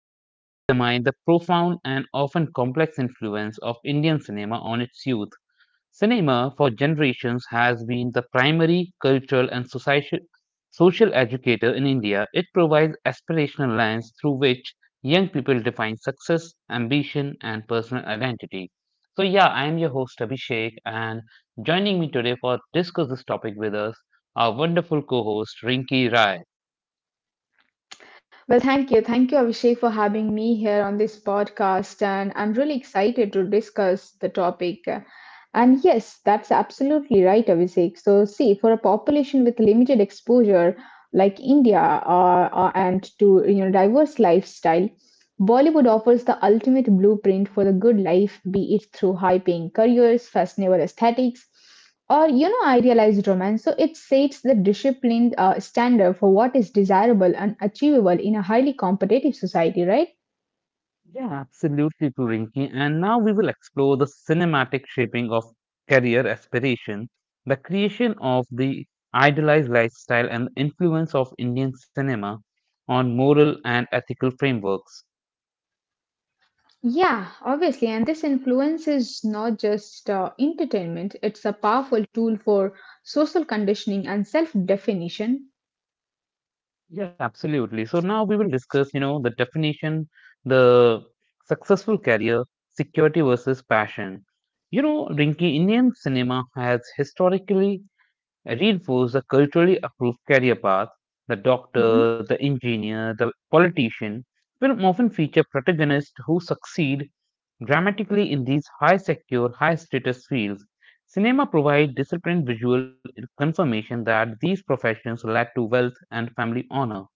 Today, we examine the profound and often complex influence of Indian cinema on its youth. Cinema, for generations, has been the primary cultural and social educator in India. It provides aspirational lens through which young people define success, ambition, and personal identity. I am your host Abhishek, and joining me today for discuss this topic with us, our wonderful co-host Rinki Rai. Well, thank you. Thank you, Abhishek, for having me here on this podcast. And I'm really excited to discuss the topic. And yes, that's absolutely right, Abhishek. So, see, for a population with limited exposure like India and to diverse lifestyle, Bollywood offers the ultimate blueprint for the good life, be it through high paying careers, fashionable aesthetics, or idealized romance. So it sets the disciplined standard for what is desirable and achievable in a highly competitive society, right? Yeah, absolutely, Purinki. And now we will explore the cinematic shaping of career aspiration, the creation of the idealized lifestyle, and the influence of Indian cinema on moral and ethical frameworks. Yeah, obviously. And this influence is not just entertainment, it's a powerful tool for social conditioning and self definition. Yeah, absolutely. So now we will discuss, you know, the definition, the successful career, security versus passion. You know, Rinki, Indian cinema has historically reinforce the culturally approved career path. The doctor, the engineer, the politician will often feature protagonists who succeed dramatically in these high secure, high status fields. Cinema provides disciplined visual confirmation that these professions led to wealth and family honor.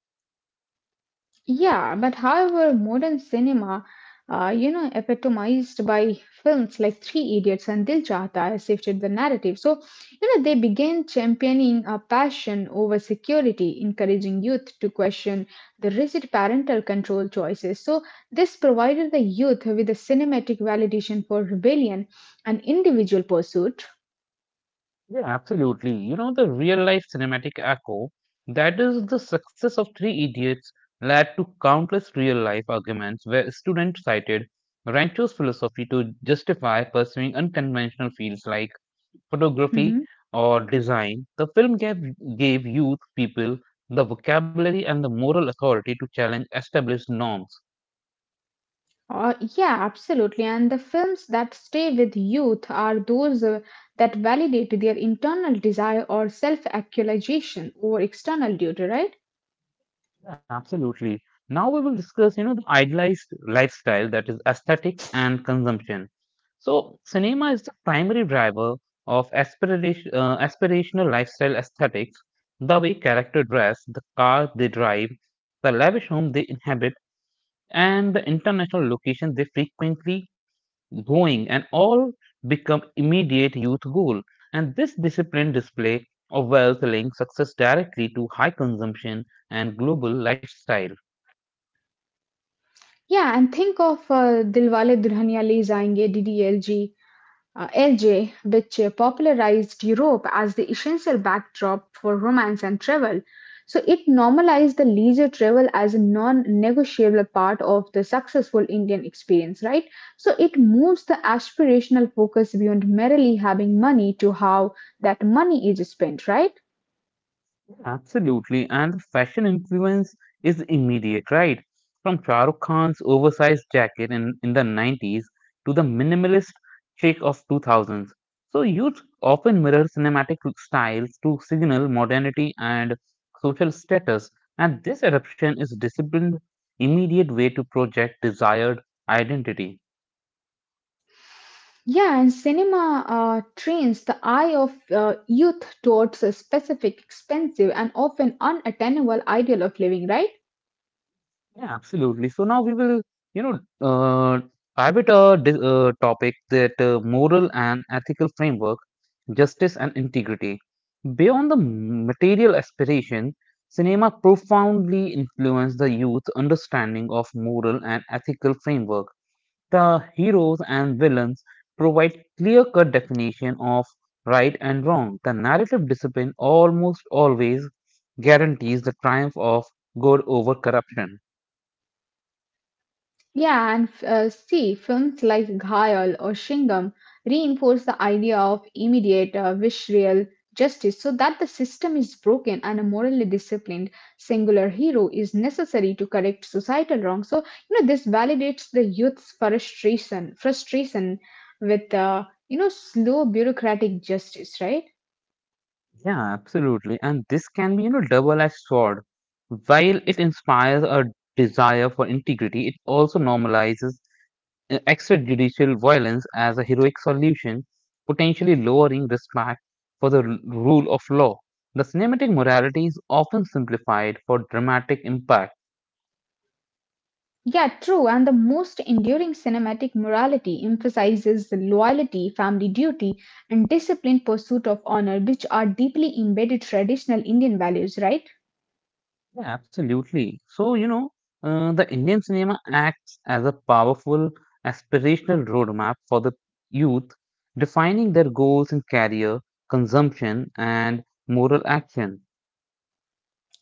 Yeah, but however, modern cinema, epitomized by films like Three Idiots and Dil Chahta Hai shifted the narrative. So, they began championing a passion over security, encouraging youth to question the rigid parental control choices. So, this provided the youth with a cinematic validation for rebellion and individual pursuit. Yeah, absolutely. You know, the real life cinematic echo that is the success of Three Idiots led to countless real life arguments where students cited Rancho's philosophy to justify pursuing unconventional fields like Mm-hmm. photography or design. The film gave youth people the vocabulary and the moral authority to challenge established norms. Yeah, absolutely. And the films that stay with youth are those that validate their internal desire or self-actualization over external duty, right? Absolutely. Now we will discuss, you know, the idealized lifestyle that is aesthetics and consumption. So, cinema is the primary driver of aspiration, aspirational lifestyle aesthetics, the way character dress, the car they drive, the lavish home they inhabit, and the international location they frequently going, and all become immediate youth goal. And this disciplined display of wealth links success directly to high consumption and global lifestyle. Yeah, and think of Dilwale Dulhaniya Le Jayenge, DDLG, LJ, which popularized Europe as the essential backdrop for romance and travel. So it normalized the leisure travel as a non negotiable part of the successful Indian experience, right? So it moves the aspirational focus beyond merely having money to how that money is spent, right? Absolutely. And the fashion influence is immediate, right? From Shah Rukh Khan's oversized jacket in the 90s to the minimalist chic of 2000s. So youth often mirror cinematic styles to signal modernity and social status. And this adaptation is disciplined, immediate way to project desired identity. Yeah, and cinema trains the eye of youth towards a specific, expensive, and often unattainable ideal of living, right? Yeah, absolutely. So now we will, you know, uh, private dis topic that moral and ethical framework, justice and integrity. Beyond the material aspiration, cinema profoundly influenced the youth understanding of moral and ethical framework. The heroes and villains provide clear-cut definition of right and wrong. The narrative discipline almost always guarantees the triumph of good over corruption. Yeah, and see, films like Ghayal or Shingam reinforce the idea of immediate, visceral justice so that the system is broken and a morally disciplined singular hero is necessary to correct societal wrong. So, this validates the youth's frustration with, slow bureaucratic justice, right? Yeah, absolutely. And this can be, you know, double-edged sword. While it inspires a desire for integrity, it also normalizes extrajudicial violence as a heroic solution, potentially lowering respect for the rule of law. The cinematic morality is often simplified for dramatic impact. Yeah, true. And the most enduring cinematic morality emphasizes the loyalty, family duty, and disciplined pursuit of honor, which are deeply embedded traditional Indian values, right? Yeah, absolutely. So, the Indian cinema acts as a powerful aspirational roadmap for the youth, defining their goals in career, consumption, and moral action.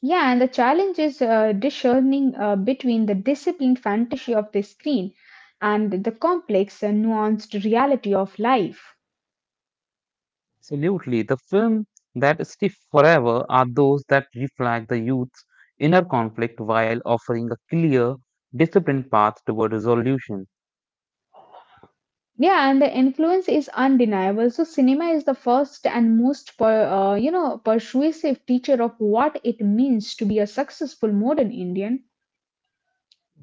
Yeah, and the challenge is discerning between the disciplined fantasy of the screen and the complex and nuanced reality of life. Absolutely. The film that stay forever are those that reflect the youth's inner conflict while offering a clear, disciplined path toward resolution. Yeah, and the influence is undeniable. So, cinema is the first and most, persuasive teacher of what it means to be a successful modern Indian.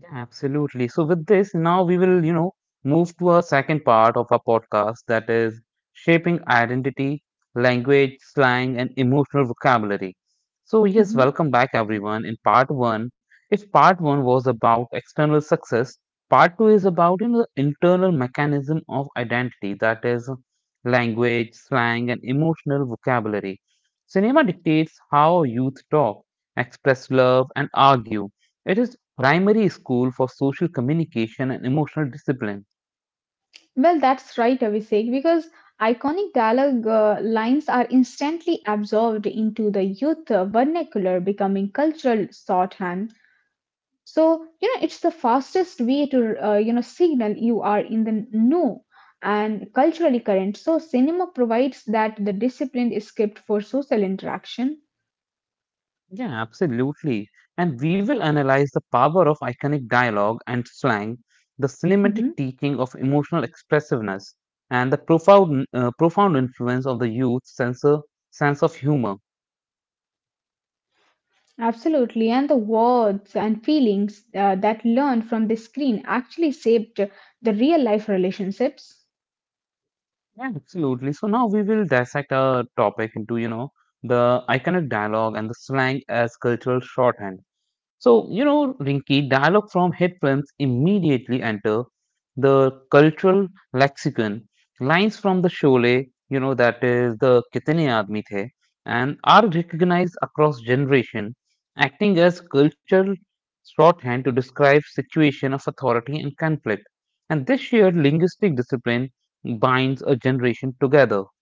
Yeah, absolutely. So with this, now we will, you know, move to our second part of our podcast that is shaping identity, language, slang, and emotional vocabulary. So yes, Mhm. welcome back everyone. In part one, if part one was about external success, part two is about, you know, the internal mechanism of identity, that is language, slang, and emotional vocabulary. Cinema dictates how youth talk, express love, and argue. It is primary school for social communication and emotional discipline. Well, that's right, Abhishek, because iconic dialogue lines are instantly absorbed into the youth vernacular, becoming cultural shorthand. So, it's the fastest way to, signal you are in the know and culturally current. So, cinema provides that the disciplined script for social interaction. Yeah, absolutely. And we will analyze the power of iconic dialogue and slang, the cinematic Hmm. teaching of emotional expressiveness, and the profound, profound influence of the sense of humor. Absolutely. And the words and feelings that learned from the screen actually shaped the real life relationships. Yeah, absolutely. So now we will dissect our topic into, you know, the iconic dialogue and the slang as cultural shorthand. So, you know, Rinki, dialogue from hit films immediately enter the cultural lexicon. Lines from the Sholay, you know, that is the Kitne Aadmi The, and are recognized across generation, acting as cultural shorthand to describe situation of authority and conflict. And this shared linguistic discipline binds a generation together.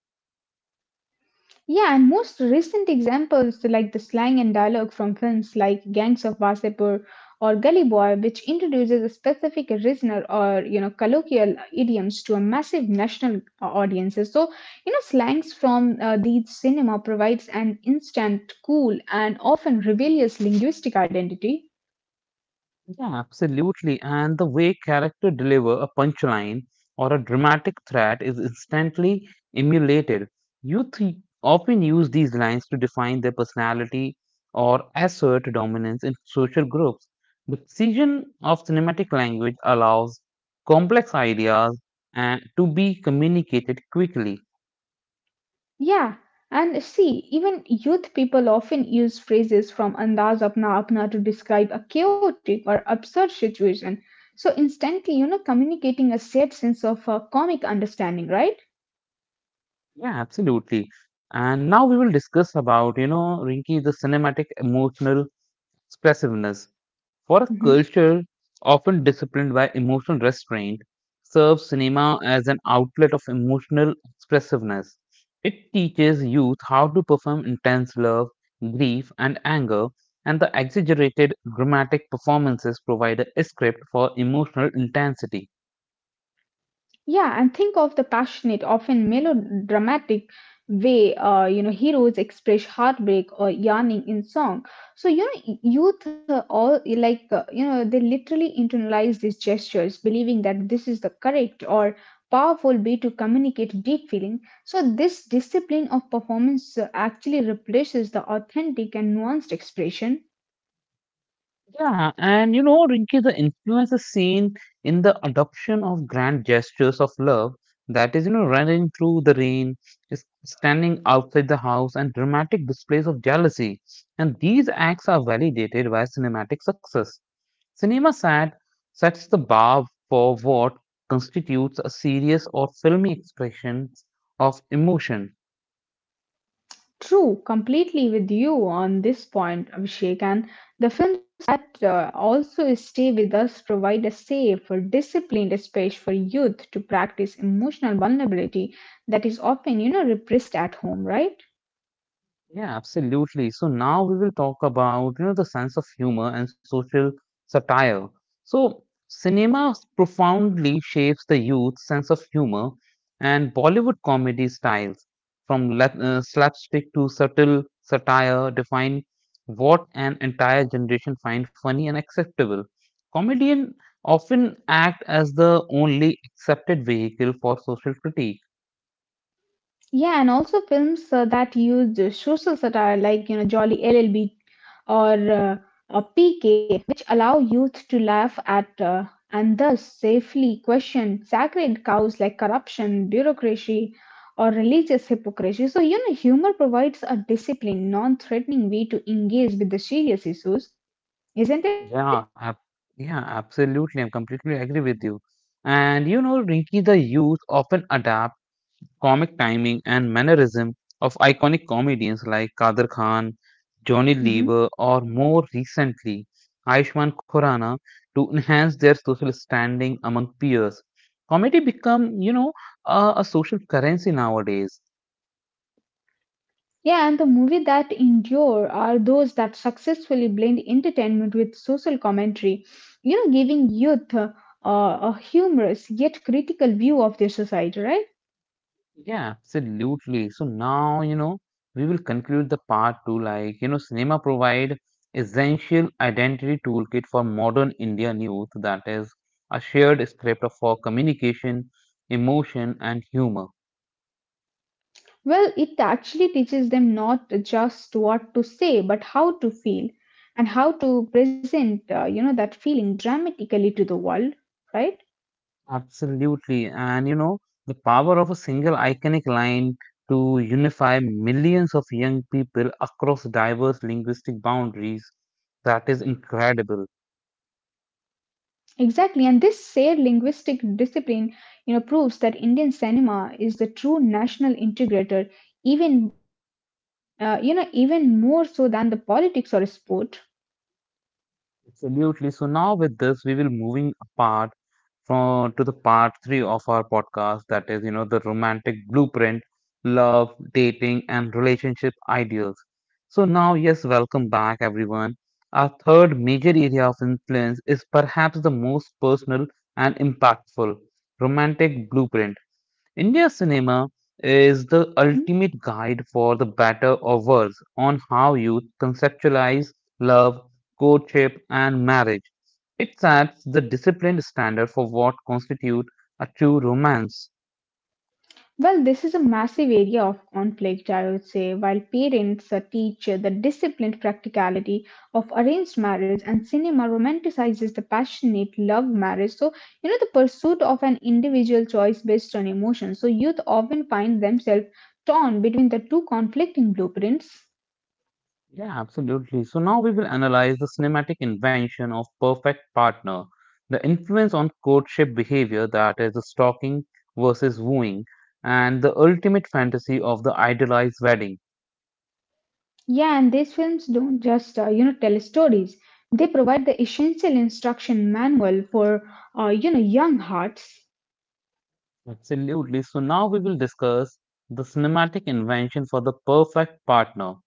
Yeah, and most recent examples like the slang and dialogue from films like Gangs of Wasipur or Gully Boy, which introduces a specific regional or colloquial idioms to a massive national audiences. So slangs from these cinema provides an instant, cool, and often rebellious linguistic identity. Yeah, absolutely. And the way character deliver a punchline or a dramatic threat is instantly emulated. Youth often use these lines to define their personality or assert dominance in social groups. The precision of cinematic language allows complex ideas and to be communicated quickly. Yeah, and see, even youth people often use phrases from Andaz Apna Apna to describe a chaotic or absurd situation. So, instantly, communicating a shared sense of comic understanding, right? Yeah, absolutely. And now we will discuss about, you know, Rinki, the cinematic emotional expressiveness for a Mm-hmm. culture often disciplined by emotional restraint serves cinema as an outlet of emotional expressiveness it teaches youth how to perform intense love grief and anger and the exaggerated dramatic performances provide a script for emotional intensity Yeah, and think of the passionate, often melodramatic way heroes express heartbreak or yearning in song. So youth all like you know they literally internalize these gestures, believing that this is the correct or powerful way to communicate deep feeling. So this discipline of performance actually replaces the authentic and nuanced expression. yeah and you know rinki the influence is seen in the adoption of grand gestures of love that is you know running through the rain s- standing outside the house and dramatic displays of jealousy and these acts are validated by cinematic success cinema sat sets the bar for what constitutes a serious or filmy expression of emotion. True, completely with you on this point, Abhishek. And the films that also stay with us provide a safe, or disciplined space for youth to practice emotional vulnerability that is often, repressed at home, right? Yeah, absolutely. So now we will talk about, you know, the sense of humor and social satire. So cinema profoundly shapes the youth's sense of humor and Bollywood comedy styles from slapstick to subtle satire define what an entire generation find funny and acceptable. Comedians often act as the only accepted vehicle for social critique. Yeah, and also films that used social satire, like Jolly LLB or PK, which allow youth to laugh at and thus safely question sacred cows like corruption, bureaucracy, or religious hypocrisy. So humor provides a disciplined, non-threatening way to engage with the serious issues, isn't it? Yeah, ab- yeah, absolutely. I completely agree with you. And you know, Rinki, the youth often adapt comic timing and mannerism of iconic comedians like Kader Khan, Johnny Mhm. Lever, or more recently, Ayushmann Khurrana to enhance their social standing among peers. Comedy become, you know, a social currency nowadays. Yeah, and the movies that endure are those that successfully blend entertainment with social commentary, giving youth a humorous yet critical view of their society, right? Yeah, absolutely. So now, you know, we will conclude the part two, like, you know, cinema provide essential identity toolkit for modern Indian youth, that is a shared script for communication, emotion, and humor. Well, it actually teaches them not just what to say, but how to feel and how to present, that feeling dramatically to the world, right? Absolutely. And, you know, the power of a single iconic line to unify millions of young people across diverse linguistic boundaries, that is incredible. Exactly, and this shared linguistic discipline, proves that Indian cinema is the true national integrator, even even more so than the politics or sport. Absolutely. So now with this, we will moving apart from to the part three of our podcast. That is, you know, the romantic blueprint, love, dating, and relationship ideals. So now, yes, welcome back, everyone. Our third major area of influence is perhaps the most personal and impactful romantic blueprint. India cinema is the Hmm? ultimate guide for the better or worse on how youth conceptualize love, courtship, and marriage. It sets the disciplined standard for what constitutes a true romance. Well, this is a massive area of conflict, I would say. While parents teach the disciplined practicality of arranged marriage and cinema romanticizes the passionate love marriage, so, the pursuit of an individual choice based on emotion. So, youth often find themselves torn between the two conflicting blueprints. Yeah, absolutely. So now we will analyze the cinematic invention of perfect partner, the influence on courtship behavior that is the stalking versus wooing, and the ultimate fantasy of the idealized wedding. Yeah, and these films don't just, tell stories, they provide the essential instruction manual for, young hearts. Absolutely. So now we will discuss the cinematic invention for the perfect partner.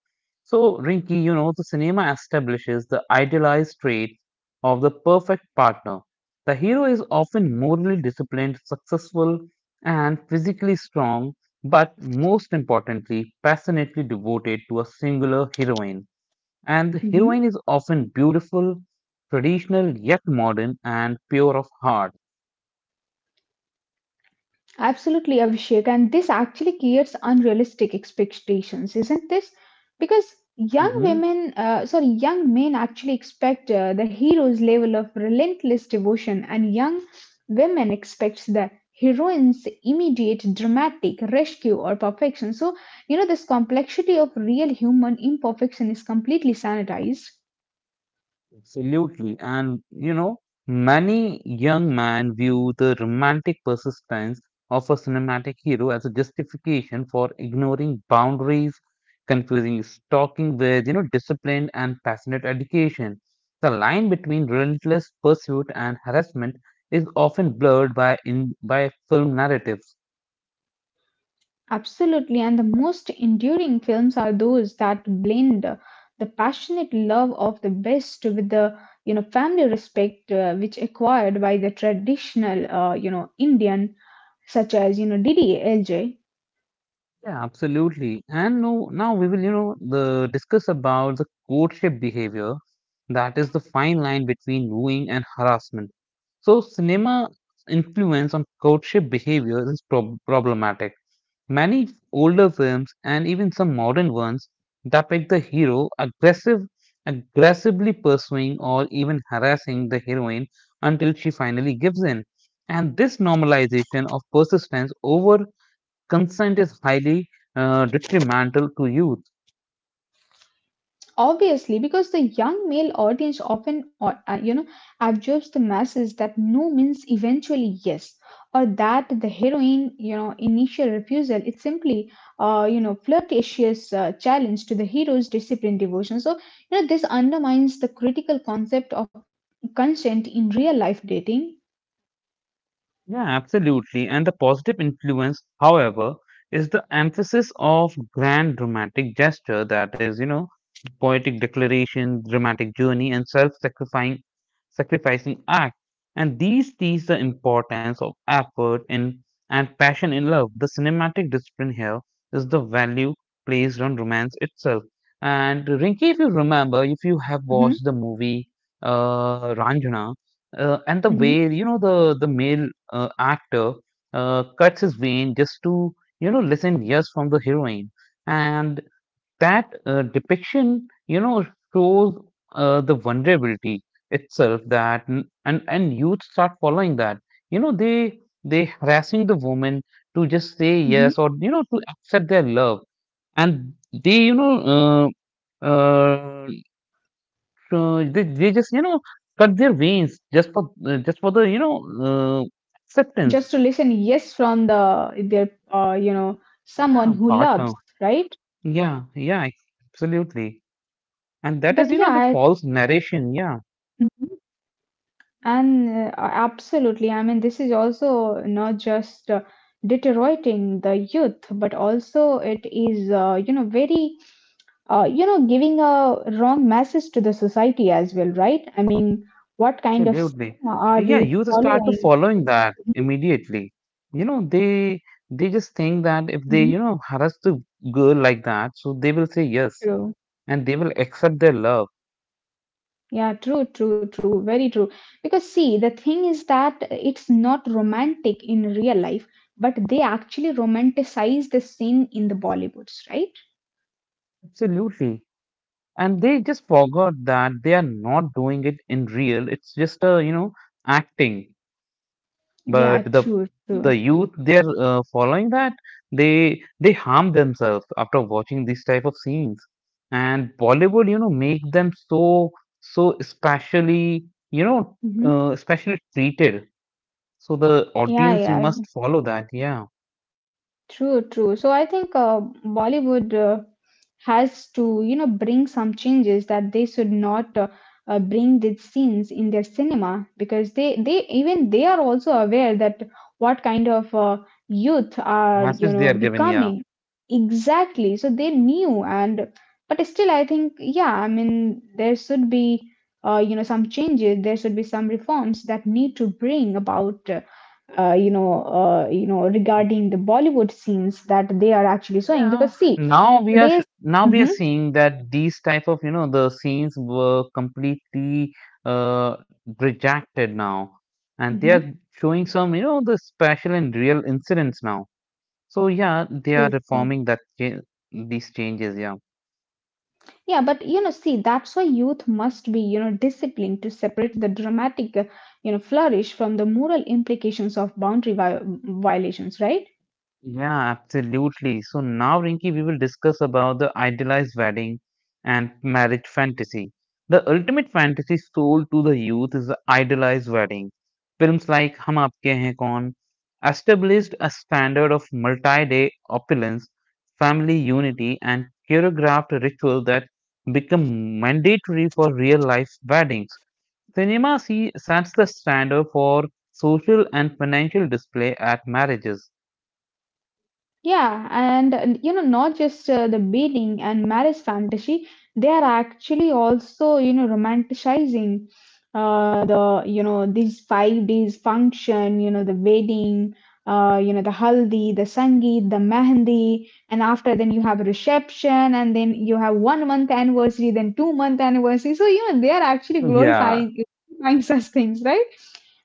So, Rinki, you know, the cinema establishes the idealized trait of the perfect partner. The hero is often morally disciplined, successful, and physically strong, but most importantly, passionately devoted to a singular heroine. And the Mm-hmm. heroine is often beautiful, traditional, yet modern, and pure of heart. Absolutely, Abhishek. And this actually creates unrealistic expectations, isn't this? Because young Mhm. women, sorry, young men actually expect the hero's level of relentless devotion, and young women expects the heroine's immediate dramatic rescue or perfection. So, this complexity of real human imperfection is completely sanitized. Absolutely. And, you know, many young men view the romantic persistence of a cinematic hero as a justification for ignoring boundaries, confusing stalking with, you know, disciplined and passionate education. The line between relentless pursuit and harassment is often blurred by film narratives. Absolutely, and the most enduring films are those that blend the passionate love of the best with the family respect which acquired by the traditional Indian, such as DDLJ. Yeah, absolutely. And no, now we will, you know, the discuss about the courtship behavior that is the fine line between wooing and harassment. So, cinema influence on courtship behavior is problematic. Many older films and even some modern ones depict the aggressively pursuing or even harassing the heroine until she finally gives in. And this normalization of persistence over consent is highly detrimental to youth. Obviously, because the young male audience often, or, absorbs the message that no means eventually yes, or that the heroine, initial refusal is simply, flirtatious challenge to the hero's disciplined devotion. So, this undermines the critical concept of consent in real life dating. Yeah, absolutely. And the positive influence, however, is the emphasis of grand dramatic gesture that is, you know, poetic declaration, dramatic journey, and self-sacrificing sacrificing act. And these teach the importance of effort in and passion in love. The cinematic discipline here is the value placed on romance itself. And Rinki, if you remember, if you have Hmm. watched the movie Ranjana, and the Hmm. way you know the male actor cuts his vein just to you know listen yes from the heroine and that depiction you know shows the vulnerability itself that and youth start following that you know they harassing the woman to just say Hmm. yes or to accept their love and they you know uh, they just you know cut their veins just for the you know uh, Just acceptance. to listen yes from the their, someone Yeah, who loves, partner. right? Yeah, yeah, ex- absolutely. And that But is, you yeah, know, the false narration. Yeah, mm-hmm. And absolutely, I mean, this is also not just deteriorating the youth, but also it is, very, giving a wrong message to the society as well, right? I mean, what kind of absolutely. stigma are Yeah, we youth start to following? following that Mhm, immediately. You know, they just think that if they, you mhm, know, trust the girl like that, so they will say yes true. and they will accept their love. Yeah, true, true, true. Very true. Because see, the thing is that it's not romantic in real life, but they actually romanticize the scene in the Bollywoods, right? Absolutely. And they just forgot that they are not doing it in real. It's just a, you know, acting. But Yeah, true, true. the youth they are following that. They harm themselves after watching these type of scenes. And Bollywood, you know, make them so so specially, you know Hmm. Specially treated, so the Yeah, audience yeah, must follow that. Yeah, true, true. So I think Bollywood has to, bring some changes that they should not bring these scenes in their cinema because they are also aware that what kind of youth are message they are given. Yeah. becoming. Exactly, so they knew and but still I think yeah I mean there should be some changes, there should be some reforms that need to bring about regarding the Bollywood scenes that they are actually showing Yeah, because see now we are today's. Now we are Mhm, seeing that these type of, you know, the scenes were completely uh rejected now, and they are mhm. showing some, you know, the special and real incidents now. So yeah, they are Sure. reforming that these changes. Yeah. Yeah, but you know, see, that's why youth must be, disciplined to separate the dramatic, flourish from the moral implications of boundary violations, right? Yeah, absolutely. So now, Rinki, we will discuss about the idealized wedding and marriage fantasy. The ultimate fantasy sold to the youth is the idealized wedding. Films like Hum Aapke Hain Kaun established a standard of multi-day opulence, family unity, and choreographed ritual that become mandatory for real-life weddings. Cinema, see, sets the standard for social and financial display at marriages. Yeah, and not just the beating and marriage fantasy, they are actually also, romanticizing the, these 5 days function, the wedding, the haldi, the sangeet, the mehendi, and after then you have reception, and then you have 1 month anniversary, then 2 month anniversary. So, they are actually Yeah. glorifying such things, right?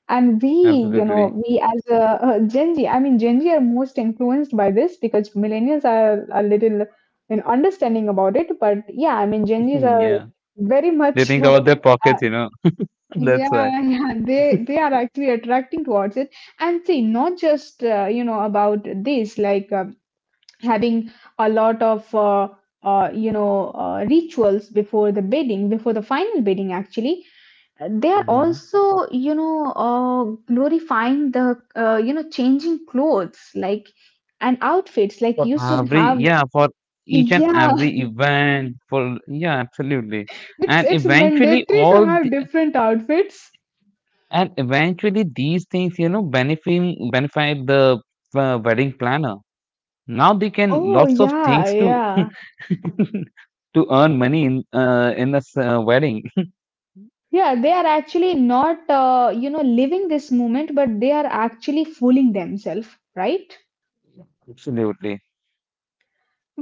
And we, Absolutely. we as a, Gen Z, I mean, Gen Z are most influenced by this because millennials are a little, understanding about it. But yeah, I mean, Gen Zs Hmm, are yeah. very They much, think about their pockets, you know. yeah, That's why. yeah, they are actually attracting towards it. And see, not just about this, like having a lot of rituals before the bidding, before the final bidding, actually they are Yeah. also glorifying the changing clothes like and outfits like For you should every, have. yeah, for each and Yeah. every event, for, yeah, absolutely. And it's eventually mandatory to all, have different outfits. and eventually these things, you know, benefiting, benefit the wedding planner. Now they can Oh lots of things yeah, to yeah, to earn money in this wedding. yeah, they are actually not living this moment but they are actually fooling themselves, right? Absolutely.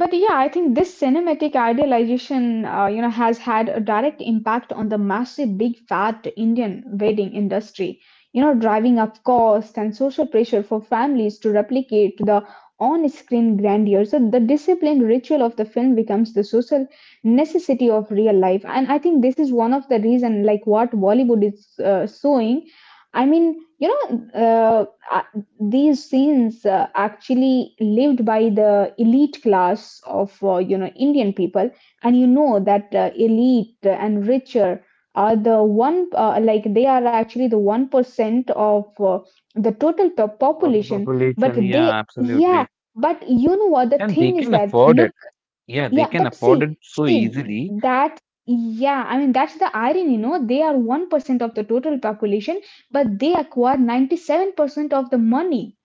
But yeah, I think this cinematic idealization, has had a direct impact on the massive, big, fat Indian wedding industry. You know, driving up cost and social pressure for families to replicate the on-screen grandeur. So the disciplined ritual of the film becomes the social necessity of real life, and I think this is one of the reason, like what Bollywood is showing. I mean, you know, I these scenes actually lived by the elite class of indian people, and you know that elite and richer are the one like they are actually the 1% of the Total population. But population, they yeah, yeah absolutely. but you know what the And they thing is, can that afford it. look Yeah, yeah they but can afford see it so see easily. that yeah I mean that's the irony, no? They are 1% of the total population, but they acquire 97% of the money,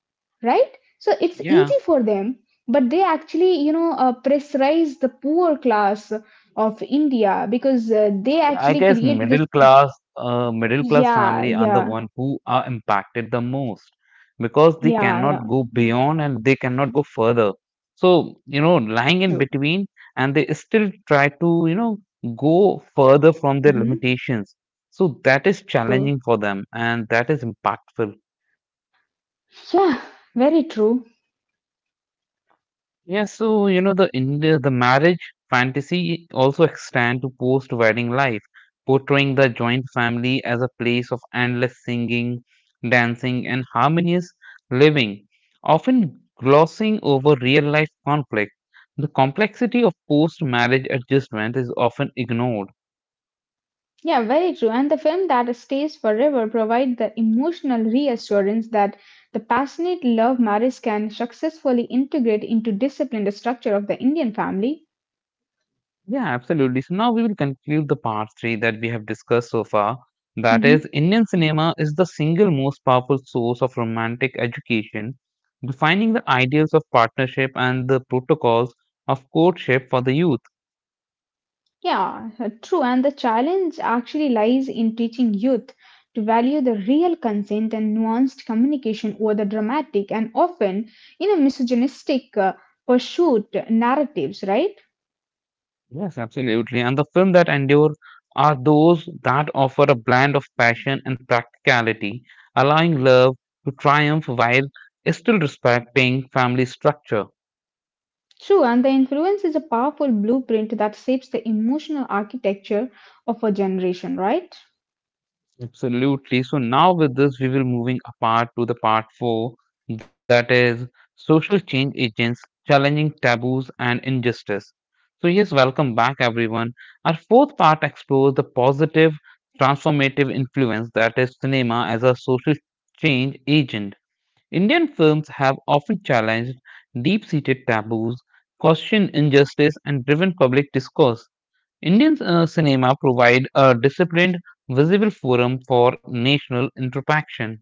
right? So it's Yeah, easy for them, but they actually pressurize the poor class of india, because they I actually guess create this. middle class, middle class yeah family are the yeah one who are impacted the most, because they yeah cannot yeah go beyond and they cannot go further. So, you know, lying in True. between, and they still try to, you know, go further from their hmm limitations. So that is challenging True. for them, and that is impactful. Very true. Yeah, so you know the India, the marriage fantasy also extend to post wedding life, portraying the joint family as a place of endless singing, dancing and harmonious living, often glossing over real life conflict. The complexity of post marriage adjustment is often ignored. Yeah, very true, and the film that stays forever provide the emotional reassurance that the passionate love marriage can successfully integrate into disciplined structure of the indian family. Yeah, absolutely. So now we will conclude the part three that we have discussed so far. That is, hmm Indian cinema is the single most powerful source of romantic education, defining the ideals of partnership and the protocols of courtship for the youth. Yeah, true. And the challenge actually lies in teaching youth to value the real consent and nuanced communication over the dramatic and often in a misogynistic pursuit narratives, right? Yes, absolutely. And the film that endure are those that offer a blend of passion and practicality, allowing love to triumph while still respecting family structure. True, and the influence is a powerful blueprint that shapes the emotional architecture of a generation, right? Absolutely. So now with this, we will moving apart to the part four, that is social change agents challenging taboos and injustice. So yes, welcome back everyone. Our fourth part explores the positive transformative influence that is cinema as a social change agent. Indian films have often challenged deep-seated taboos, questioned injustice, and driven public discourse. Indian cinema provide a disciplined, visible forum for national interaction.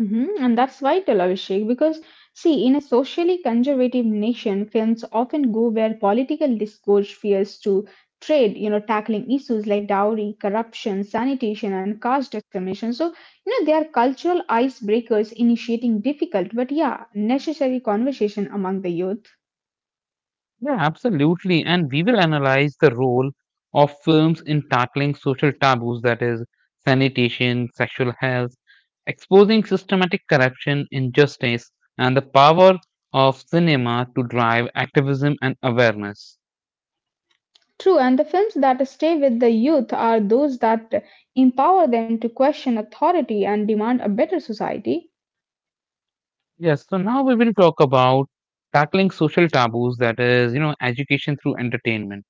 Mhm. And that's vital, Abhishek, because see, in a socially conservative nation, films often go where political discourse fears to trade, you know, tackling issues like dowry, corruption, sanitation, and caste discrimination. So, you know, they are cultural icebreakers initiating difficult, but yeah, necessary conversation among the youth. Yeah, absolutely. And we will analyze the role of films in tackling social taboos, that is, sanitation, sexual health, exposing systematic corruption, injustice, and the power of cinema to drive activism and awareness. True, and the films that stay with the youth are those that empower them to question authority and demand a better society. Yes, so now we will talk about tackling social taboos, that is, you know, education through entertainment.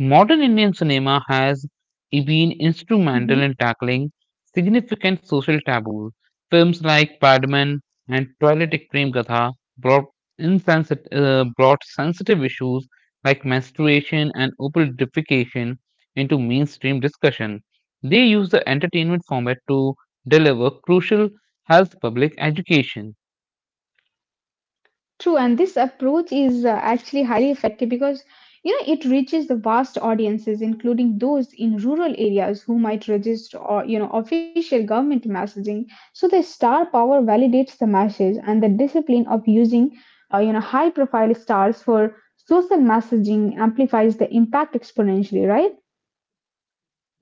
Modern Indian cinema has been instrumental Mm-hmm. in tackling significant social taboos. Films like Padman and Toilet Ek Prem Gatha brought, brought sensitive issues like menstruation and open defecation into mainstream discussion. They use the entertainment format to deliver crucial health public education. True, and this approach is actually highly effective because you know it reaches the vast audiences, including those in rural areas who might resist or you know official government messaging. So the star power validates the message and the discipline of using you know high profile stars for social messaging amplifies the impact exponentially, right?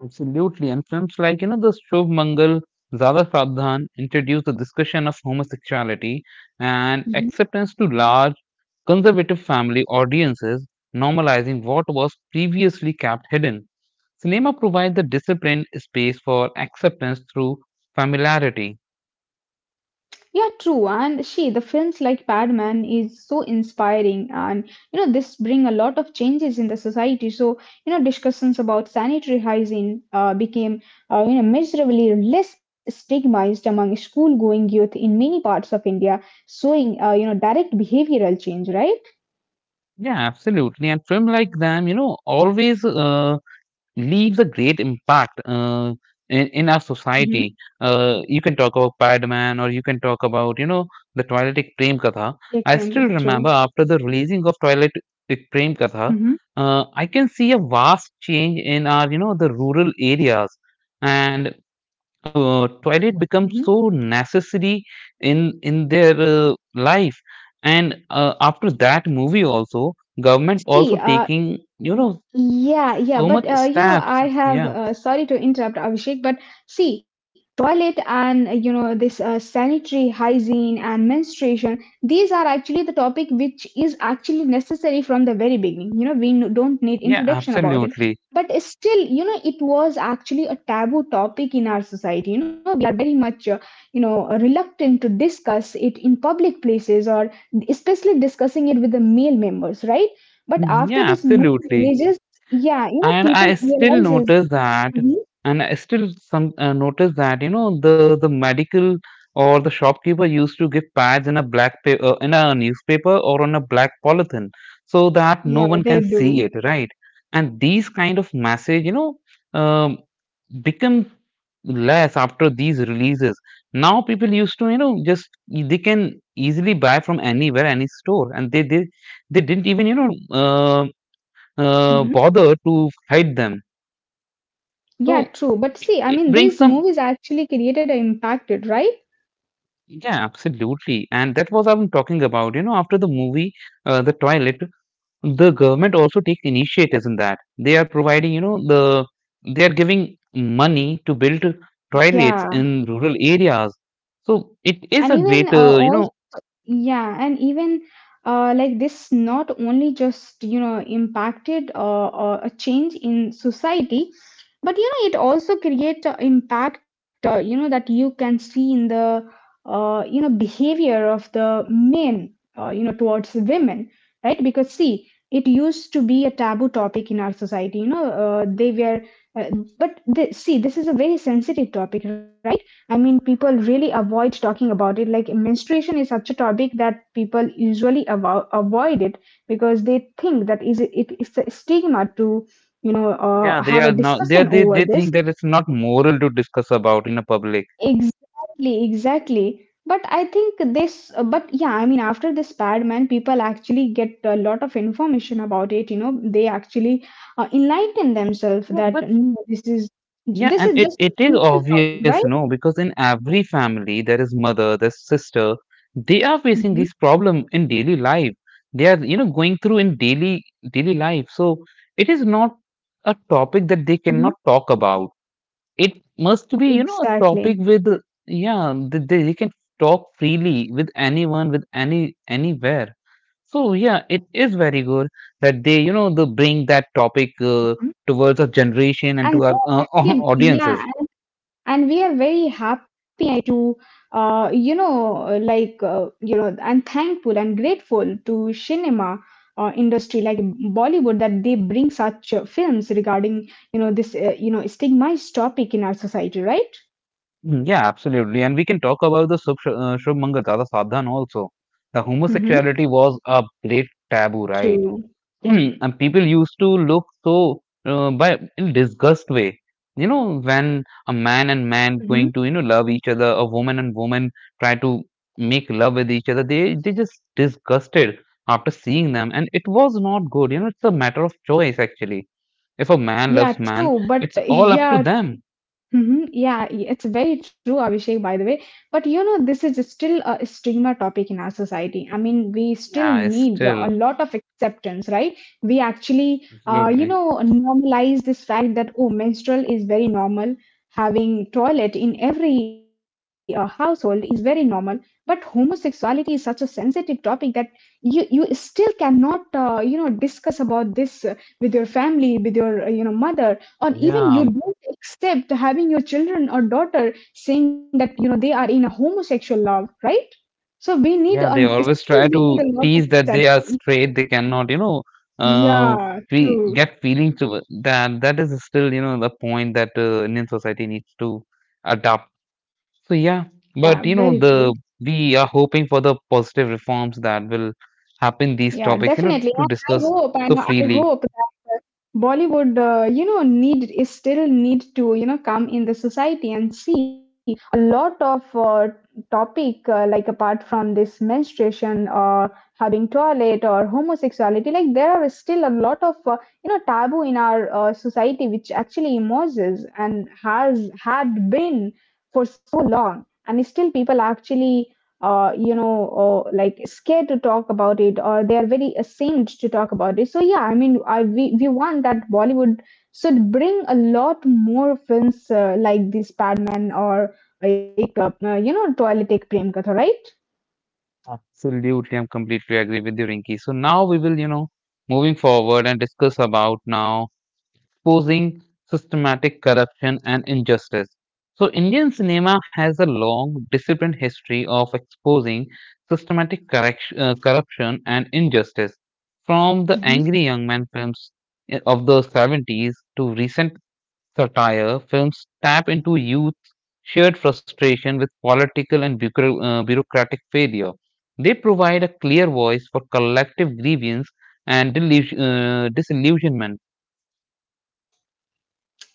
Absolutely, and films like, you know, the Shubh Mangal, Zara Sabdhan introduced the discussion of homosexuality and acceptance to large conservative family audiences, normalizing what was previously kept hidden. Cinema provides a disciplined space for acceptance through familiarity. Yeah, true. And see, the films like Padman is so inspiring, and you know this bring a lot of changes in the society. So you know discussions about sanitary hygiene became you know measurably less stigmatized among school-going youth in many parts of India, showing you know direct behavioral change, right? Yeah, absolutely, and film like them, you know, always leaves a great impact in our Mm-hmm. society. You can talk about Padman, or you can talk about, you know, the Toilet Ek Prem Katha. I still remember True. after the releasing of Toilet Ek Prem Katha, Mm-hmm. I can see a vast change in our, you know, the rural areas. And toilet becomes Mm-hmm. so necessary in their life. And after that movie also, government See, also taking, you know, yeah, yeah, so much but you know, steps. I Yeah. have sorry to interrupt, Abhishek, but see, toilet and you know this sanitary hygiene and menstruation, these are actually the topic which is actually necessary from the very beginning. You know, we don't need Yeah, introduction about it, absolutely. but still, you know, it was actually a taboo topic in our society. You know, we are very much you know reluctant to discuss it in public places, or especially discussing it with the male members, right? But Mm. after Yeah, this absolutely. movement, yeah, you know, And people I still realizes. notice that, Mhm. and I still some notice that, you know, the medical or the shopkeeper used to give pads in a black pa in a newspaper or on a black polythene so that no Yeah, one they can see do. it, right? And these kind of message, you know, um, become less after these releases. Now people used to, you know, just they can easily buy from anywhere, any store, and they they didn't even, you know, hmm bother to hide them. Yeah, So true. But see, I it mean, brings these some, movies actually created an impacted, right? yeah, absolutely, and that was I'm talking about. You know, after the movie, the toilet, the government also take initiatives in that. They are providing, you know, the they are giving money to build toilets Yeah, in rural areas. So it is and a even uh, great, you all know, yeah, and even like this not only just you know impacted a change in society, but you know it also creates a impact you know that you can see in the you know behavior of the men you know towards women, right? Because see it used to be a taboo topic in our society, you know they were but they, see this is a very sensitive topic, right? I mean people really avoid talking about it, like menstruation is such a topic that people usually avoid it because they think that it's a stigma to Yeah, they have are a not. They discussion they over they think this. that it's not moral to discuss about in a public. Exactly, exactly. But I think this, but yeah, I mean, after this Padman, people actually get a lot of information about it. You know, they actually enlighten themselves No, but that no, yeah, this and is it, just a it is simple obvious, topic, no, right? because in every family there is mother, there's sister. They are facing hmm these problem in daily life. They are, you know, going through in daily daily life. So it is not a topic that they hmm cannot talk about. It must be, you know, a Exactly. topic with, yeah, they can talk freely with anyone, with anywhere. So yeah, it is very good that they, you know, they bring that topic Mhm. towards our generation and And to our they actually, audiences. yeah, and we are very happy to you know like you know and thankful and grateful to cinema industry like bollywood that they bring such films regarding you know this you know stigmatized topic in our society, right? Mm. Yeah, absolutely. And we can talk about the Shubh Mangal Dada Sadhan also. The Mm-hmm. homosexuality was a great taboo, right? True. Mm, and people used to look so by in disgust way. You know, when a man and man Mm-hmm. going to, you know, love each other, a woman and woman try to make love with each other, they just disgusted after seeing them, and it was not good. You know, it's a matter of choice actually. If a man loves Yeah, man, true. But it's all up to yeah. them. Mhm. Yeah, it's very true, Abhishek, by the way. But you know, this is still a stigma topic in our society. I mean, we still Yeah, it's need still a lot of acceptance, right? We actually, you absolutely. know, normalize this fact that, oh, menstrual is very normal. Having toilet in every household is very normal. But homosexuality is such a sensitive topic that you still cannot, you know, discuss about this with your family, with your, you know, mother, or even Yeah. you don't accept having your children or daughter saying that you know they are in a homosexual love, right? so we need Yeah, a they always try Still we to need a lot tease of that they are acceptance. straight. They cannot, you know, uh, Yeah, fe true. get feelings to it. That is still, you know, the point that Indian society needs to adopt. So yeah, Yeah, but you know, very the true. we are hoping for the positive reforms that will happen. These Yeah, topics, you know, to definitely, and discuss so I freely. hope Bollywood, you know, need is still need to you know come in the society, and see a lot of topic like apart from this menstruation or having toilet or homosexuality, like there are still a lot of you know taboo in our society which actually emerges and has had been for so long, and still people actually you know, or like scared to talk about it, or they are very ashamed to talk about it. So yeah, I mean, we want that Bollywood should bring a lot more films like this Padman, or like you know, Toilet Ek Prem Katha, right? Absolutely, I'm completely agree with you, Rinki. So now we will, you know, moving forward and discuss about now exposing systematic corruption and injustice. So, Indian cinema has a long, disciplined history of exposing corruption and injustice. From the hmm Angry Young Man films of the 70s to recent satire films, tap into youth's shared frustration with political and bureaucratic failure. They provide a clear voice for collective grievance and disillusionment.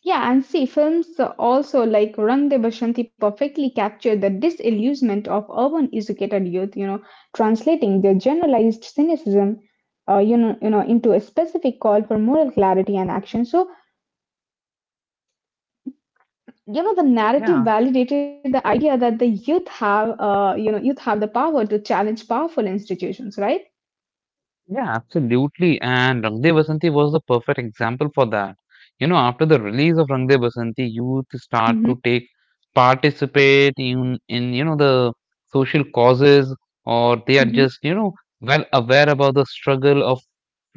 Yeah, and see, films also like Rang De Bashanti perfectly capture the disillusionment of urban educated youth, you know, translating their generalized cynicism, you know, into a specific call for moral clarity and action. So you know the Yeah. narrative validated the idea that the youth have you know youth have the power to challenge powerful institutions, right? Yeah, absolutely. And Rang De Basanti was the perfect example for that. You know, after the release of Rang De Basanti, youth start Mm-hmm. to take participate in you know the social causes, or they are Mm-hmm. just, you know, well aware about the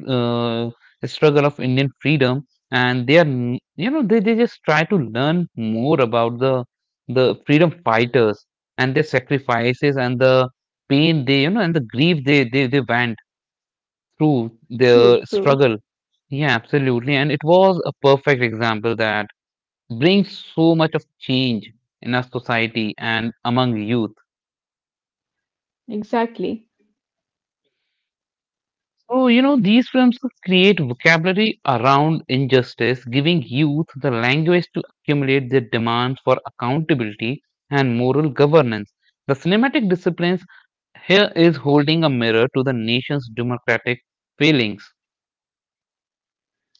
uh, struggle of Indian freedom, and they are you know they just try to learn more about the freedom fighters and their sacrifices and the pain they, you know, and the grief they went through True, their true. struggle. Yeah, absolutely. And it was a perfect example that brings so much of change in our society and among youth. Exactly. So, you know, these films create vocabulary around injustice, giving youth the language to accumulate their demands for accountability and moral governance. The cinematic disciplines here is holding a mirror to the nation's democratic failings.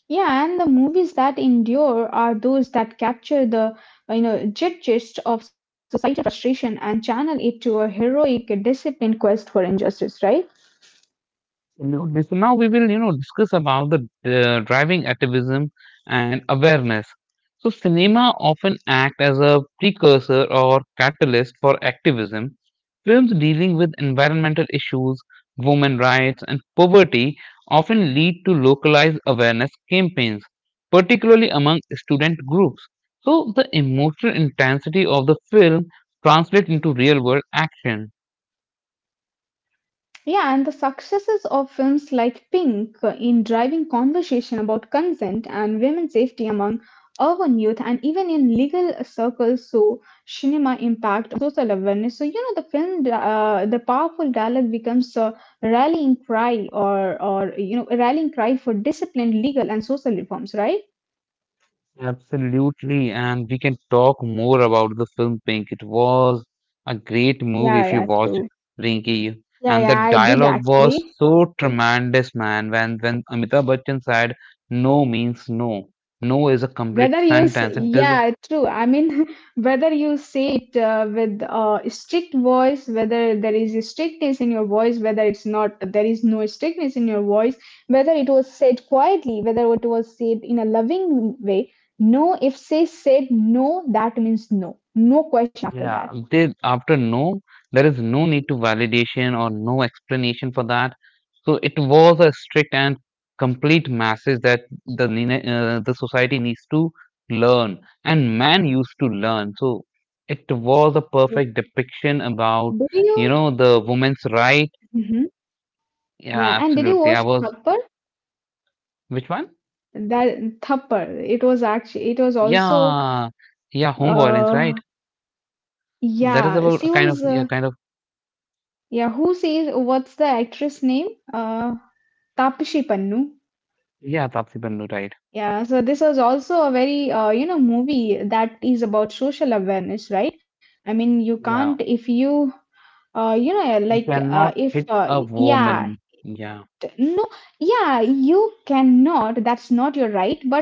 Yeah, and the movies that endure are those that capture the you know jet gist of societal frustration and channel it to a heroic, disciplined quest for injustice, right? You this, so now we will, you know, discuss about the driving activism and awareness. So, cinema often act as a precursor or catalyst for activism. Films dealing with environmental issues, women rights, and poverty often lead to localized awareness campaigns, particularly among student groups. So, the emotional intensity of the film translates into real world action. Yeah, and the successes of films like Pink in driving conversation about consent and women's safety among urban youth and even in legal circles, so cinema impact on social awareness. So you know the film, the powerful dialogue becomes a rallying cry, or you know a rallying cry for disciplined legal and social reforms, right? Absolutely, and we can talk more about the film Pink. It was a great movie if Yeah, you yeah, watch, true. Rinky, Yeah, and the yeah, I did dialogue was actually. so tremendous, man. When Amitabh Bachchan said "no" means no, no is a complete sentence. It doesn't. Yeah, true. I mean, whether you say it with strict voice, whether there is a strictness in your voice, whether it's not, there is no strictness in your voice, whether it was said quietly, whether it was said in a loving way. No, if say said no, that means no. No question after Yeah, that. they, after no, there is no need to validation or no explanation for that. So it was a strict and complete message that the society needs to learn, and man used to learn. So it was a True. perfect depiction about, Did you you? know, the woman's right. Mhm. Yeah, Yeah, and did you absolutely. watch I was Thappar? which one? That Thappar. It was actually. It was also. Yeah, yeah, home violence, Uh, right? That is yeah, about a she kind of, was. yeah, kind of, Yeah, who says, what's the actress name? Tapshi Pannu. yeah, Tapsi Pannu, right? Yeah, so this was also a very you know movie that is about social awareness, right? I mean, you Yeah. can't if you you know You like cannot if hit a yeah woman. Yeah. t- no yeah you cannot, that's not your right, but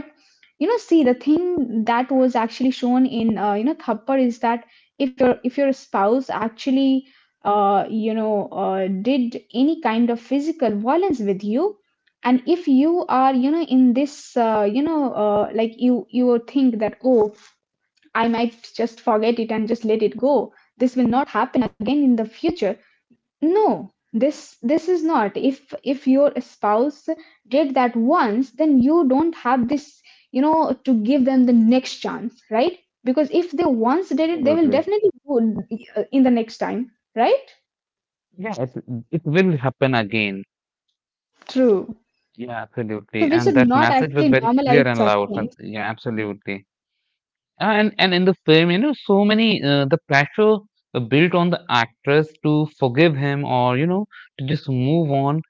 you know see the thing that was actually shown in you know thappar is that if your spouse actually did any kind of physical violence with you, and if you are you know in this like you will think that, oh, I might just forget it and just let it go, this will not happen again in the future. No, this is not. If your spouse did that once, then you don't have this, you know, to give them the next chance, right? Because if they once did it, they will Absolutely. definitely do it in the next time, right? Yeah, it will happen again. True. Yeah, So absolutely. we And should that not message was actually very clear normalize and such loud. things. And yeah, absolutely. And in the film, you know, so many the pressure built on the actress to forgive him, or, you know, to just move on.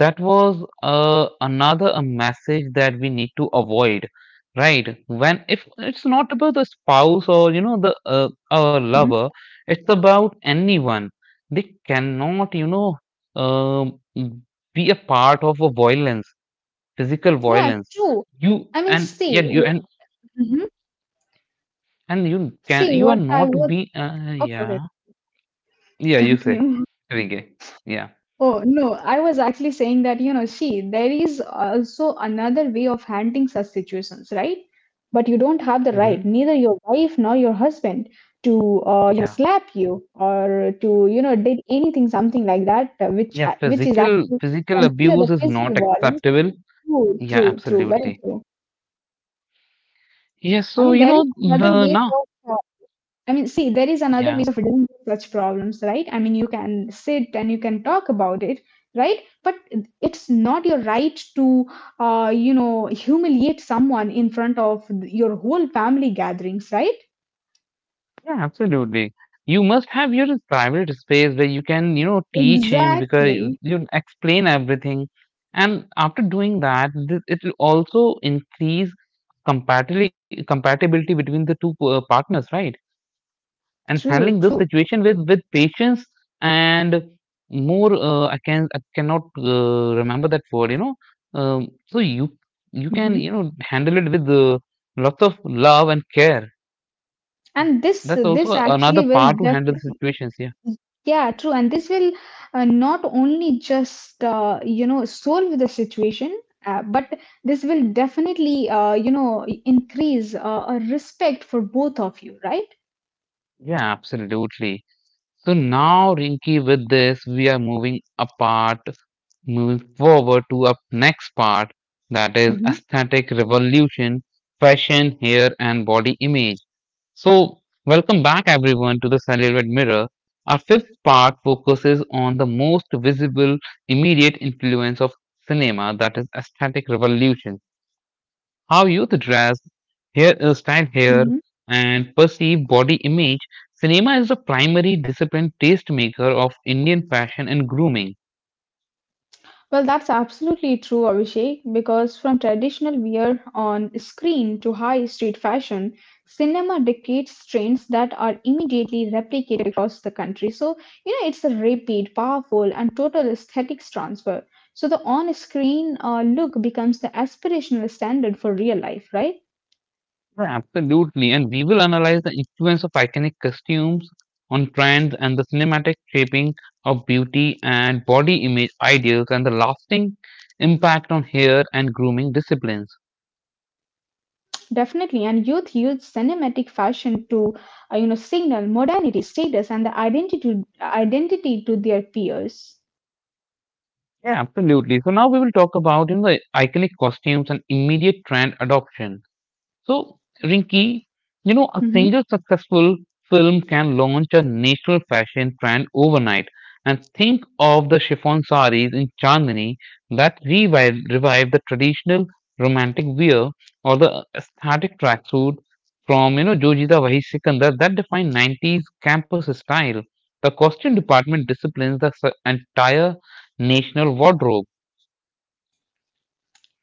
That was uh, another a message that we need to avoid, right? When if it's not about the spouse, or, you know, the our lover, Mhm. it's about anyone. They cannot, you know, um be a part of a violence, physical Yeah, violence. true. you I mean, and see, yeah you w- and mhm. and you can, see you are what not I was. be Okay, yeah. okay. Yeah, you say. Continue. Okay. Yeah. Oh, no, I was actually saying that, you know, see, there is also another way of handling such situations, right? But you don't have the right, Hmm. neither your wife nor your husband, to, you Yeah, know, slap you, or to, you know, did anything, something like that, yeah, which is physical actually physical considered abuse a is not physical violence. acceptable. True, Yeah, true, true, very absolutely. true. Yeah, I so mean, you there is know, the another way now. of I mean, see, there is Yeah, another ways of dealing with such problems, right? I mean, you can sit and you can talk about it, right? But it's not your right to, you know, humiliate someone in front of your whole family gatherings, right? yeah, absolutely. You must have your private space, where you can, you know, teach him, because you Exactly. you explain everything. And after doing that, this, it will also increase compatibility between the two partners, right? And handling True. this True. situation with patience. And more I cannot remember that word, you know. um, so you can, hmm you know, handle it with lots of love and care. And this That's this also another actually will part to def handle the situations, yeah. yeah true, and this will not only just solve the situation but this will definitely increase a respect for both of you, right? Yeah, absolutely. So now, Rinky, with this we are moving apart, moving forward to our next part, that is hmm aesthetic revolution, fashion, hair, and body image. So, welcome back everyone to the Celluloid Mirror. Our fifth part focuses on the most visible, immediate influence of cinema, that is aesthetic revolution. How youth dress, hair, style hair, and perceive body image. Cinema is the primary disciplined tastemaker of Indian fashion and grooming. Well, that's absolutely true, Abhishek, because from traditional wear on screen to high street fashion, cinema dictates trends that are immediately replicated across the country. So, it's a rapid, powerful, and total aesthetics transfer. So, the on screen look becomes the aspirational standard for real life, right? Yeah, absolutely, and we will analyze the influence of iconic costumes on trends and the cinematic shaping of beauty and body image ideals, and the lasting impact on hair and grooming disciplines. Definitely, and youth use cinematic fashion to, signal modernity, status, and identity to their peers. Yeah, absolutely. So now we will talk about in the iconic costumes and immediate trend adoption. So, Rinki, you know, a hmm single successful film can launch a national fashion trend overnight. And think of the chiffon saris in Chandni that revived the traditional romantic wear, or the aesthetic tracksuit from, you know, Jojita Wahi Sikandar that defined 90s campus style. The costume department disciplines the entire national wardrobe.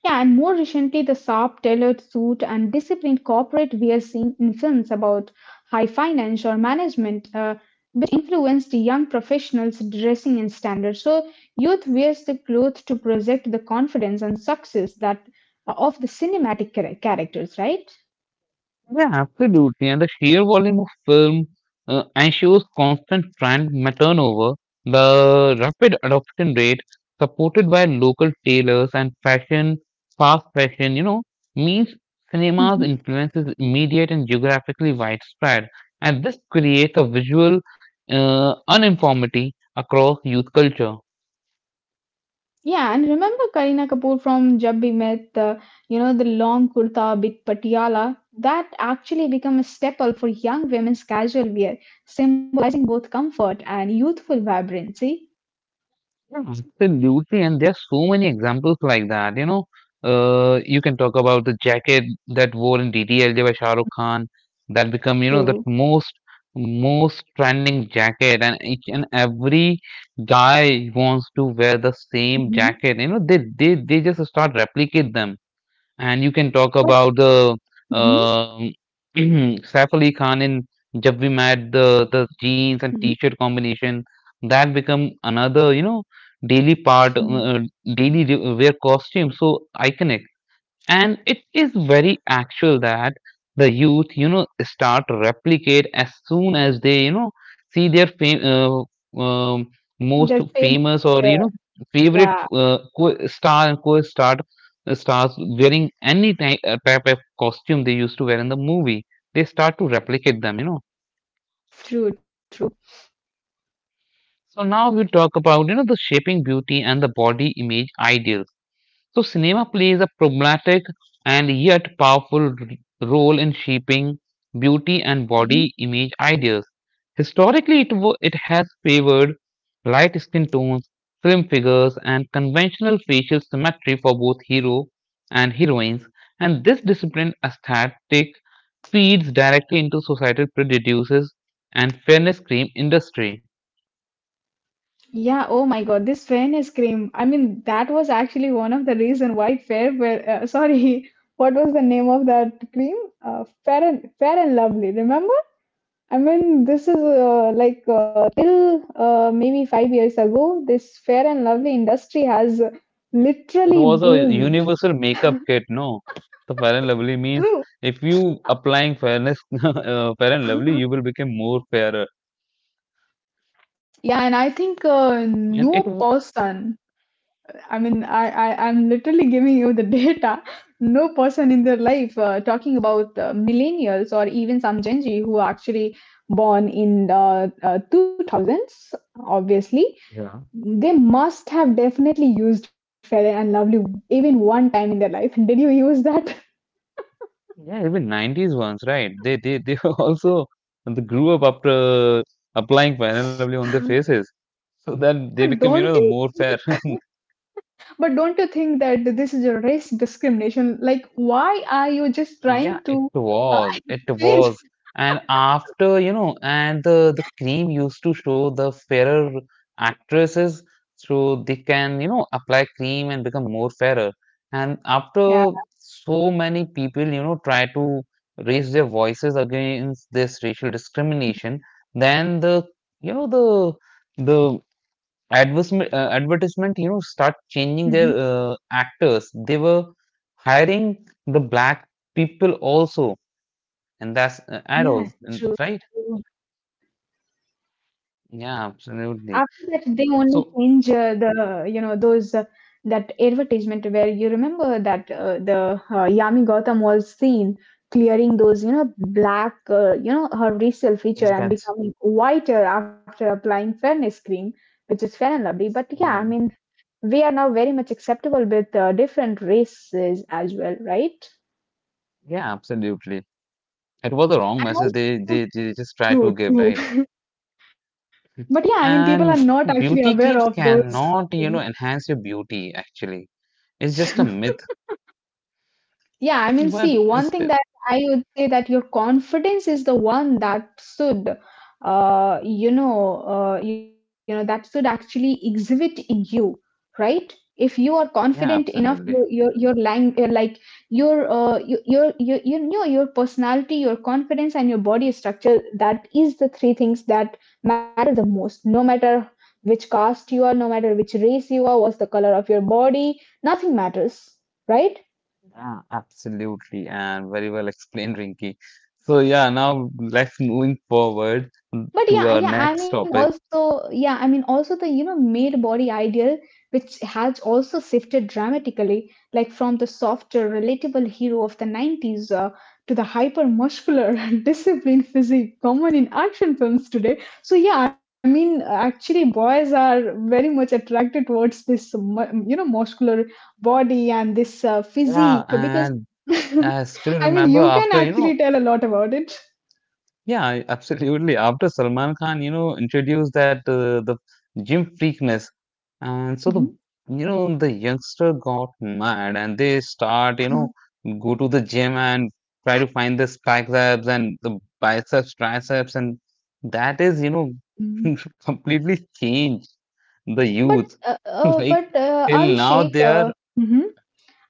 Yeah, and more recently, the sharp tailored suit and disciplined corporate we are seeing in films about high finance or management, which influence the young professionals' dressing and standards. So, youth wears the clothes to project the confidence and success that of the cinematic characters, right? Yeah, absolutely. And the sheer volume of film ensures constant brand turnover. The rapid adoption rate supported by local tailors and fashion, fast fashion, you know, means Mhm. cinema's influence is immediate and geographically widespread. And this creates a visual uniformity across youth culture. Yeah, and remember Kareena Kapoor from Jab We Met, the, the long kurta with patiala, that actually became a staple for young women's casual wear, symbolizing both comfort and youthful vibrancy. Yeah, absolutely, and there's so many examples like that. You know, you can talk about the jacket that wore in DDLJ by Shah Rukh Khan, that become, you know, the True. most trending jacket, and each and every guy wants to wear the same hmm jacket. You know, they just start replicate them. And you can talk But about the mhm, uh, Saif Ali Khan in Jab We Met, the jeans and mhm. t-shirt combination, that become another, you know, daily part, Mm. Daily wear costume. So iconic, and it is very actual that the youth, you know, start to replicate as soon as they, you know, see their most their favorite, famous, or, uh, you know, favorite yeah, co- star and co-star stars wearing any type of costume they used to wear in the movie. They start to replicate them, you know. true, true. So now we talk about, you know, the shaping beauty and the body image ideal. So, cinema plays a problematic and yet powerful role in shaping beauty and Mhm. body image ideas. Historically, it has favored light skin tones, slim figures, and conventional facial symmetry for both hero and heroines, and this disciplined aesthetic feeds directly into societal prejudices and fairness cream industry. Yeah, oh my God, this fairness cream. I mean, that was actually one of the reason why sorry, what was the name of that cream? Fair and Lovely. Remember? I mean, this is till maybe 5 years ago, this Fair and Lovely industry has It literally was a boomed. universal makeup kit, no? So Fair and Lovely means, True. if you applying fairness, Fair and Lovely, you will become more fairer. Yeah, and I think And it, w- no person I mean, I'm literally giving you the data. No person in their life talking about millennials or even some Gen Z who are actually born in the 2000s, obviously, Yeah. they must have definitely used Fair and Lovely even one time in their life. Did you use that? Yeah, even 90s ones, right? They also they grew up after applying Fair and Lovely on their faces, so that they become, you But know, the don't more you? fair. But don't you think that this is a race discrimination? Like, why are you just Yeah, trying it to? Uh, was. It was. And after, you know, and the cream used to show the fairer actresses, so they can, you know, apply cream and become more fairer. And yeah. after, so many people, you know, try to raise their voices against this racial discrimination. Then the, you know, the advertisement, you know, start changing their Mhm. Actors. They were hiring the black people also, and that's adults Yeah. and, True. right. Yeah, After that absolutely. they only So change the those that advertisement where you remember that the Yami Gautam was seen clearing those you know black her racial feature and that, becoming whiter after applying fairness cream, which is Fair and Lovely. But yeah, I yeah. mean, we are now very much acceptable with different races as well, right? Yeah, absolutely, it was the wrong And message they, also they they just try true, to give, right? true. But yeah, I mean, people are not And actually aware beauty of creams those cannot, you know, enhance your beauty actually. It's things. just a myth. Yeah, I mean, But see, one it's, thing that I would say that your confidence is the one that should, that should actually exhibit in you, right? If you are confident yeah, enough, absolutely. Your lang like your your personality, your confidence, and your body structure. That is the three things that matter the most. No matter which caste you are, no matter which race you are, what's the color of your body, nothing matters, right? Yeah, absolutely, and very well explained, Rinky. So yeah, now let's moving forward But to our yeah, yeah, next I mean topic. also yeah, I mean also the you know male body ideal which has also shifted dramatically, like from the softer, relatable hero of the 90s to the hyper muscular, disciplined physique common in action films today. So yeah, I mean, actually boys are very much attracted towards this muscular body and this Yeah, physique because and I still I mean remember you can after, you actually know. tell a lot about it. Absolutely. After Salman Khan, you know, introduced that the gym freakness, and so the, you know, the youngster got mad, and they start, you Mhm. know, go to the gym and try to find the spike abs and the biceps, triceps, and that is, you know, completely changed the youth. Like but till now, Abhishek, they are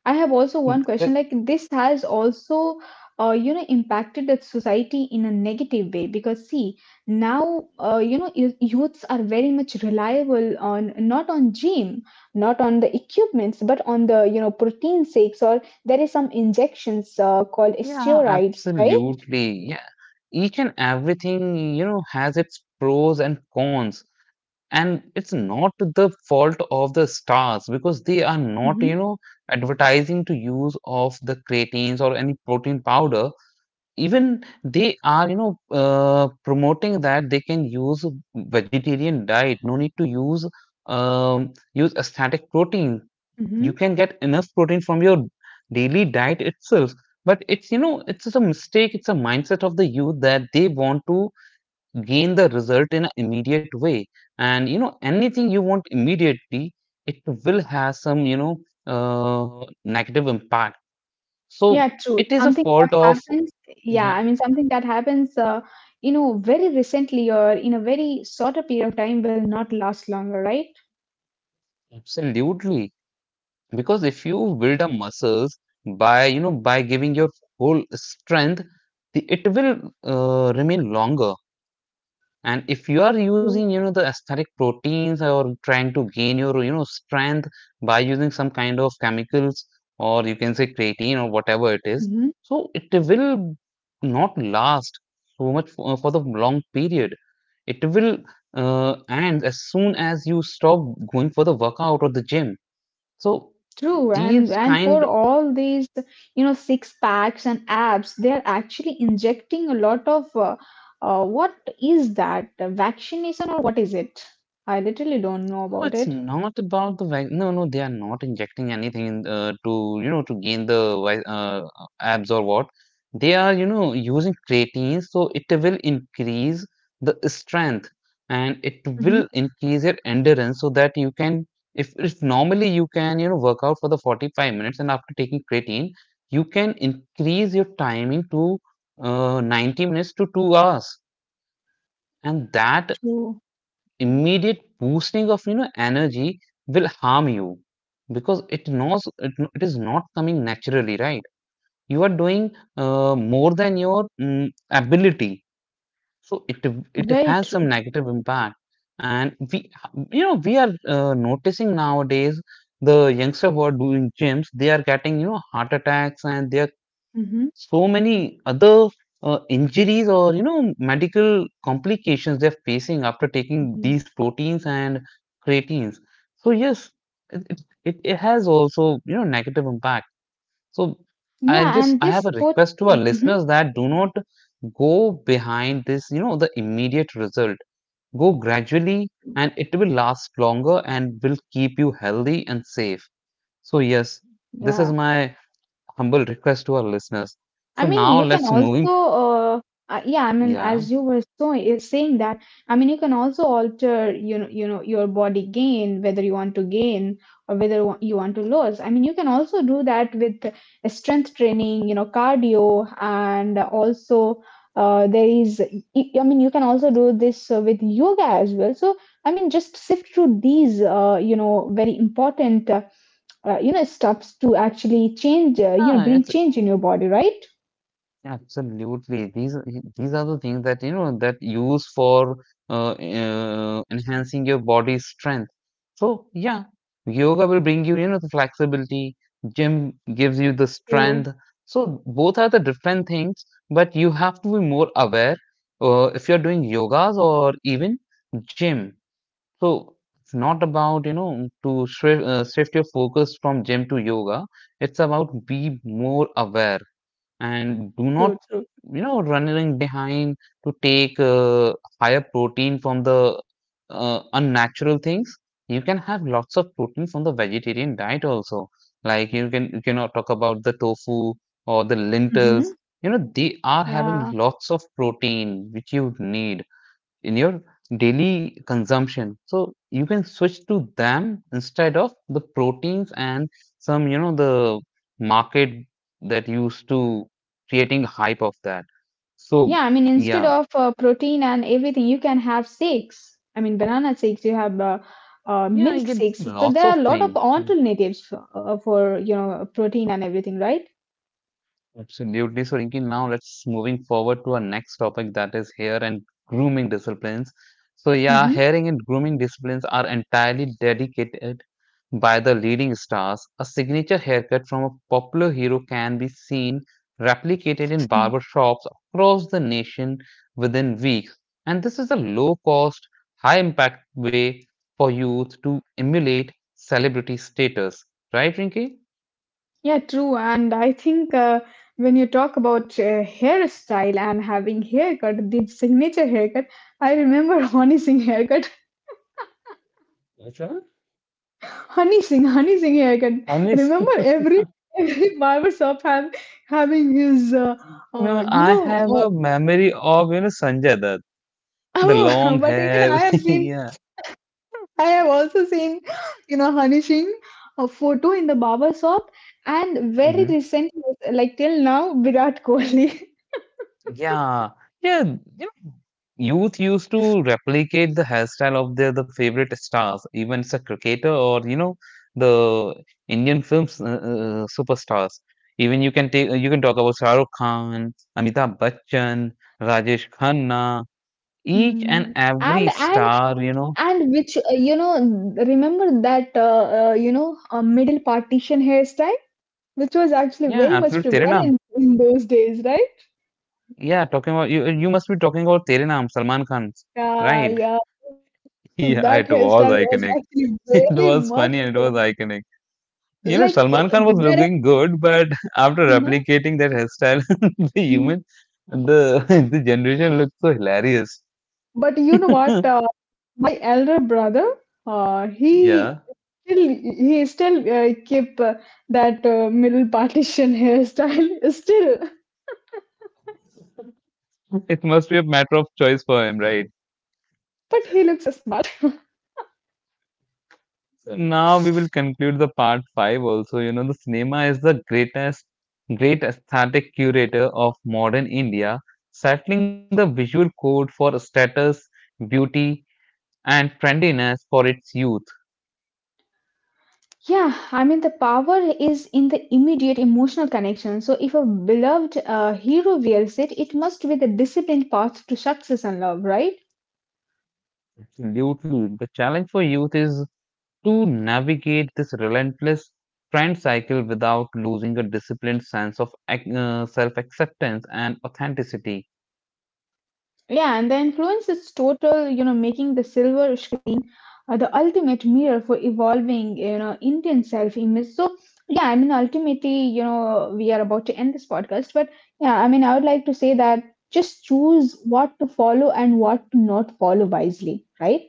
I have also one uh, question. Like this has also, impacted the society in a negative way because see, now youths are very much reliable on not on gym, not on the equipments, but on the you know protein shakes or there is some injections called yeah, steroids, right? absolutely. Yeah. Each and everything, you know, has its pros and cons. And it's not the fault of the stars, because they are not, hmm you know, advertising to use of the creatines or any protein powder. Even they are, you know, promoting that they can use vegetarian diet, no need to use static protein. You hmm can get enough protein from your daily diet itself. But it's, you know, it's just a mistake. It's a mindset of the youth that they want to gain the result in an immediate way. And, you know, anything you want immediately, it will have some, you know, negative impact. So Yeah, true. it is a Something fault that of. happens, yeah, Yeah, I mean, something that happens, very recently or in a very shorter period of time will not last longer, right? absolutely. Because if you build up muscles by you know by giving your whole strength, it will remain longer. And if you are using, you know, the aesthetic proteins, or trying to gain your, you know, strength by using some kind of chemicals, or you can say creatine, or whatever it is. Mm-hmm. So it will not last so much for the long period. It will end as soon as you stop going for the workout or the gym. So True, these and kind. for all these, you know, six packs and abs, they are actually injecting a lot of what is that? Vaccination or what is it? I literally don't know No, about it's it. not about the vac. No, no, they are not injecting anything to, you know, to gain the abs or what. They are, you know, using creatine, so it will increase the strength, and it Mm-hmm. will increase your endurance, so that you can. If normally you can, you know, work out for the 45 minutes, and after taking creatine you can increase your timing to 90 minutes to 2 hours, and that True, immediate boosting of, you know, energy will harm you. Because it knows, it is not coming naturally, right? You are doing more than your ability. So it very has some true. negative impact. And we you know we are noticing nowadays the youngster who are doing gyms, they are getting, you know, heart attacks. And they are Mm-hmm. so many other injuries, or, you know, medical complications they're facing after taking Mm-hmm. these proteins and creatines. So yes, it has also, you know, negative impact. So i Yeah, just and i have this a put, request to our hmm listeners, that do not go behind this, you know, the immediate result. Go gradually, and it will last longer and will keep you healthy and safe. So yes, this is yeah. my humble request to our listeners. So I mean, you now can let's also, moving. Yeah, I mean, Yeah, as you were so saying that, I mean, you can also alter, your body gain, whether you want to gain or you want to lose. I mean, you can also do that with strength training, you know, cardio, and also there is, y- y- I mean, you can also do this with yoga as well. So, I mean, just sift through these, very important. Stuffs to actually change bring it's change in your body, right? absolutely. These are the things that, you know, that use for enhancing your body's strength. So yeah, yoga will bring you, you know, the flexibility. Gym gives you the True, strength. So both are the different things, but you have to be more aware if you're doing yogas or even gym. So it's not about, you know, to shift your focus from gym to yoga. It's about be more aware, and do not, true, true. you know, running behind to take higher protein from the unnatural things. You can have lots of protein from the vegetarian diet also. Like, you can, you cannot talk about the tofu or the Mm-hmm. lentils. You know, they are Yeah. having lots of protein which you need in your daily consumption. So you can switch to them instead of the proteins, and some, you know, the market that used to creating hype of that. So Yeah, I mean, instead yeah, of protein and everything, you can have shakes. I mean, banana shakes, you have yeah, milk you shakes. So lots there of are a lot of things. alternatives for you know, protein and everything, right? Absolutely. So, Rinki, now let's moving forward to our next topic, that is hair and grooming disciplines. So, yeah, Mm-hmm. hair and grooming disciplines are entirely dedicated by the leading stars. A signature haircut from a popular hero can be seen replicated in barber shops across the nation within weeks. And this is a low cost, high impact way for youth to emulate celebrity status. Right, Rinki? Yeah, true. And I think when you talk about hairstyle and having haircut, the signature haircut, I remember Honey Singh haircut, That's right. Honey Singh haircut. I mean, Remember every every barber shop have, having his, uh, no, you I know, have uh, a memory of, you know, Sanjay Dutt, the oh, long but even I hair. have seen, Yeah. I have also seen, you know, Honey Singh a photo in the barber shop, and very Hmm. recently, like till now, Virat Kohli. Yeah. Yeah. You know, youth used to replicate the hairstyle of the favorite stars, even it's a cricketer, or, you know, the Indian films superstars. Even you can talk about Shah Rukh Khan, Amitabh Bachchan, Rajesh Khanna, each and Mm. And every and star, you know. and which remember that middle partition hairstyle which was actually Yeah, very much absolutely. prevalent in those days, right? Yeah, talking about you, you must be talking about Tere Naam, Salman Khan's, Yeah, right? yeah. So that Yeah, it hairstyle was was iconic. actually very It was much funny uh, and it was iconic. You know, like it- Salman Khan was where looking good, but after Mhm, replicating that hairstyle, the mhm. human, the the generation looks so hilarious. But you know what, my elder brother, Yeah, he still keep that middle partition hairstyle, still, it must be a matter of choice for him, right? but he looks smart. Now we will conclude the part five also. You know, the cinema is the great aesthetic curator of modern India, settling the visual code for status, beauty, and trendiness for its youth. Yeah, I mean, the power is in the immediate emotional connection. So, if a beloved hero wears it, it must be the disciplined path to success and love, right? Absolutely. The challenge for youth is to navigate this relentless trend cycle without losing a disciplined sense of self acceptance and authenticity. Yeah, and the influence is total, you know, making the silver the ultimate mirror for evolving, you know, Indian self-image. So, yeah, I mean, ultimately, you know, we are about to end this podcast, but yeah, I mean, I would like to say that just choose what to follow and what to not follow wisely, right?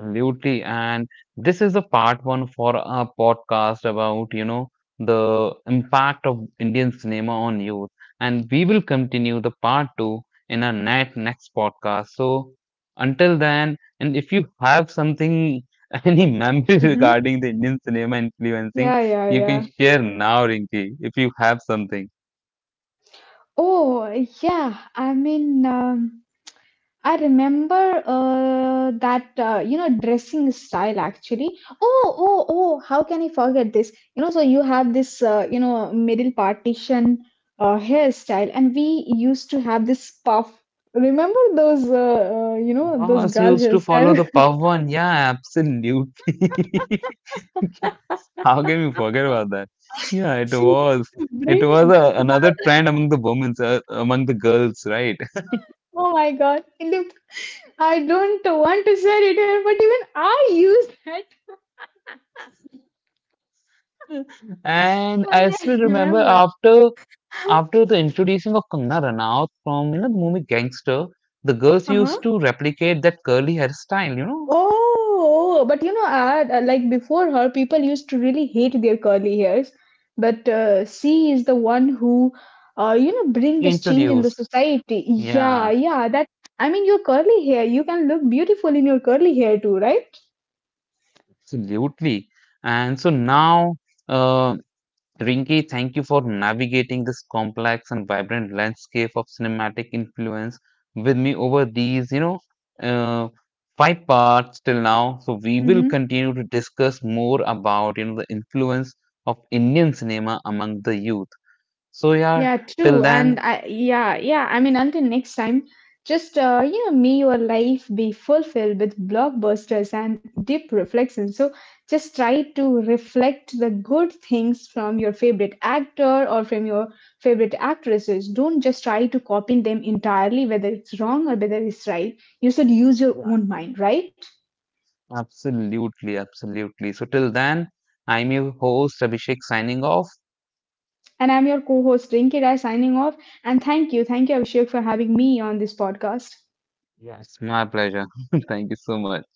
Absolutely. And this is a part one for a podcast about, you know, the impact of Indian cinema on youth. And we will continue the part two in our net next podcast. So until then, and if you have something, any memory Mm-hmm. regarding the Indian cinema influencing, Yeah, yeah, you yeah. can share now, Rinki, if you have something. Oh, yeah. I mean, I remember that dressing style actually. Oh, oh, oh! How can I forget this? You know, so you have this middle partition hairstyle, and we used to have this puff. Remember those those Ross girl used to hairstyle? follow the Pavan. Yeah, absolutely. How can we forget about that? Yeah, it She used was. to bring Another trend among the women, among the girls, right? Oh my God. Look, I don't want to share it here, but even I use that And I when still I remember remember. after the introducing of Kangana Ranaut from, you know, the movie Gangster. The girls Uh-huh. used to replicate that curly hairstyle, you know, Oh, oh, but you know, like before her, people used to really hate their curly hairs. But she is the one who, bring this change in the introduced. society. Yeah, Yeah, yeah. That I mean, your curly hair, you can look beautiful in your curly hair too, right? absolutely. And so now. Uh, Rinki, thank you for navigating this complex and vibrant landscape of cinematic influence with me over these, you know, uh, 5 parts till now. So we will continue to discuss more about, you know, the influence of Indian cinema among the youth. So yeah, Yeah, till true. And then, I, yeah, yeah. I mean, until next time, just may your life be fulfilled with blockbusters and deep reflection. So just try to reflect the good things from your favorite actor or from your favorite actresses. Don't just try to copy them entirely, whether it's wrong or whether it's right. You should use your own mind, right? absolutely, absolutely. So till then, I'm your host Abhishek signing off. And I'm your co-host Rinki Rai signing off. And thank you, Abhishek, for having me on this podcast. Yes, my pleasure. Thank you so much.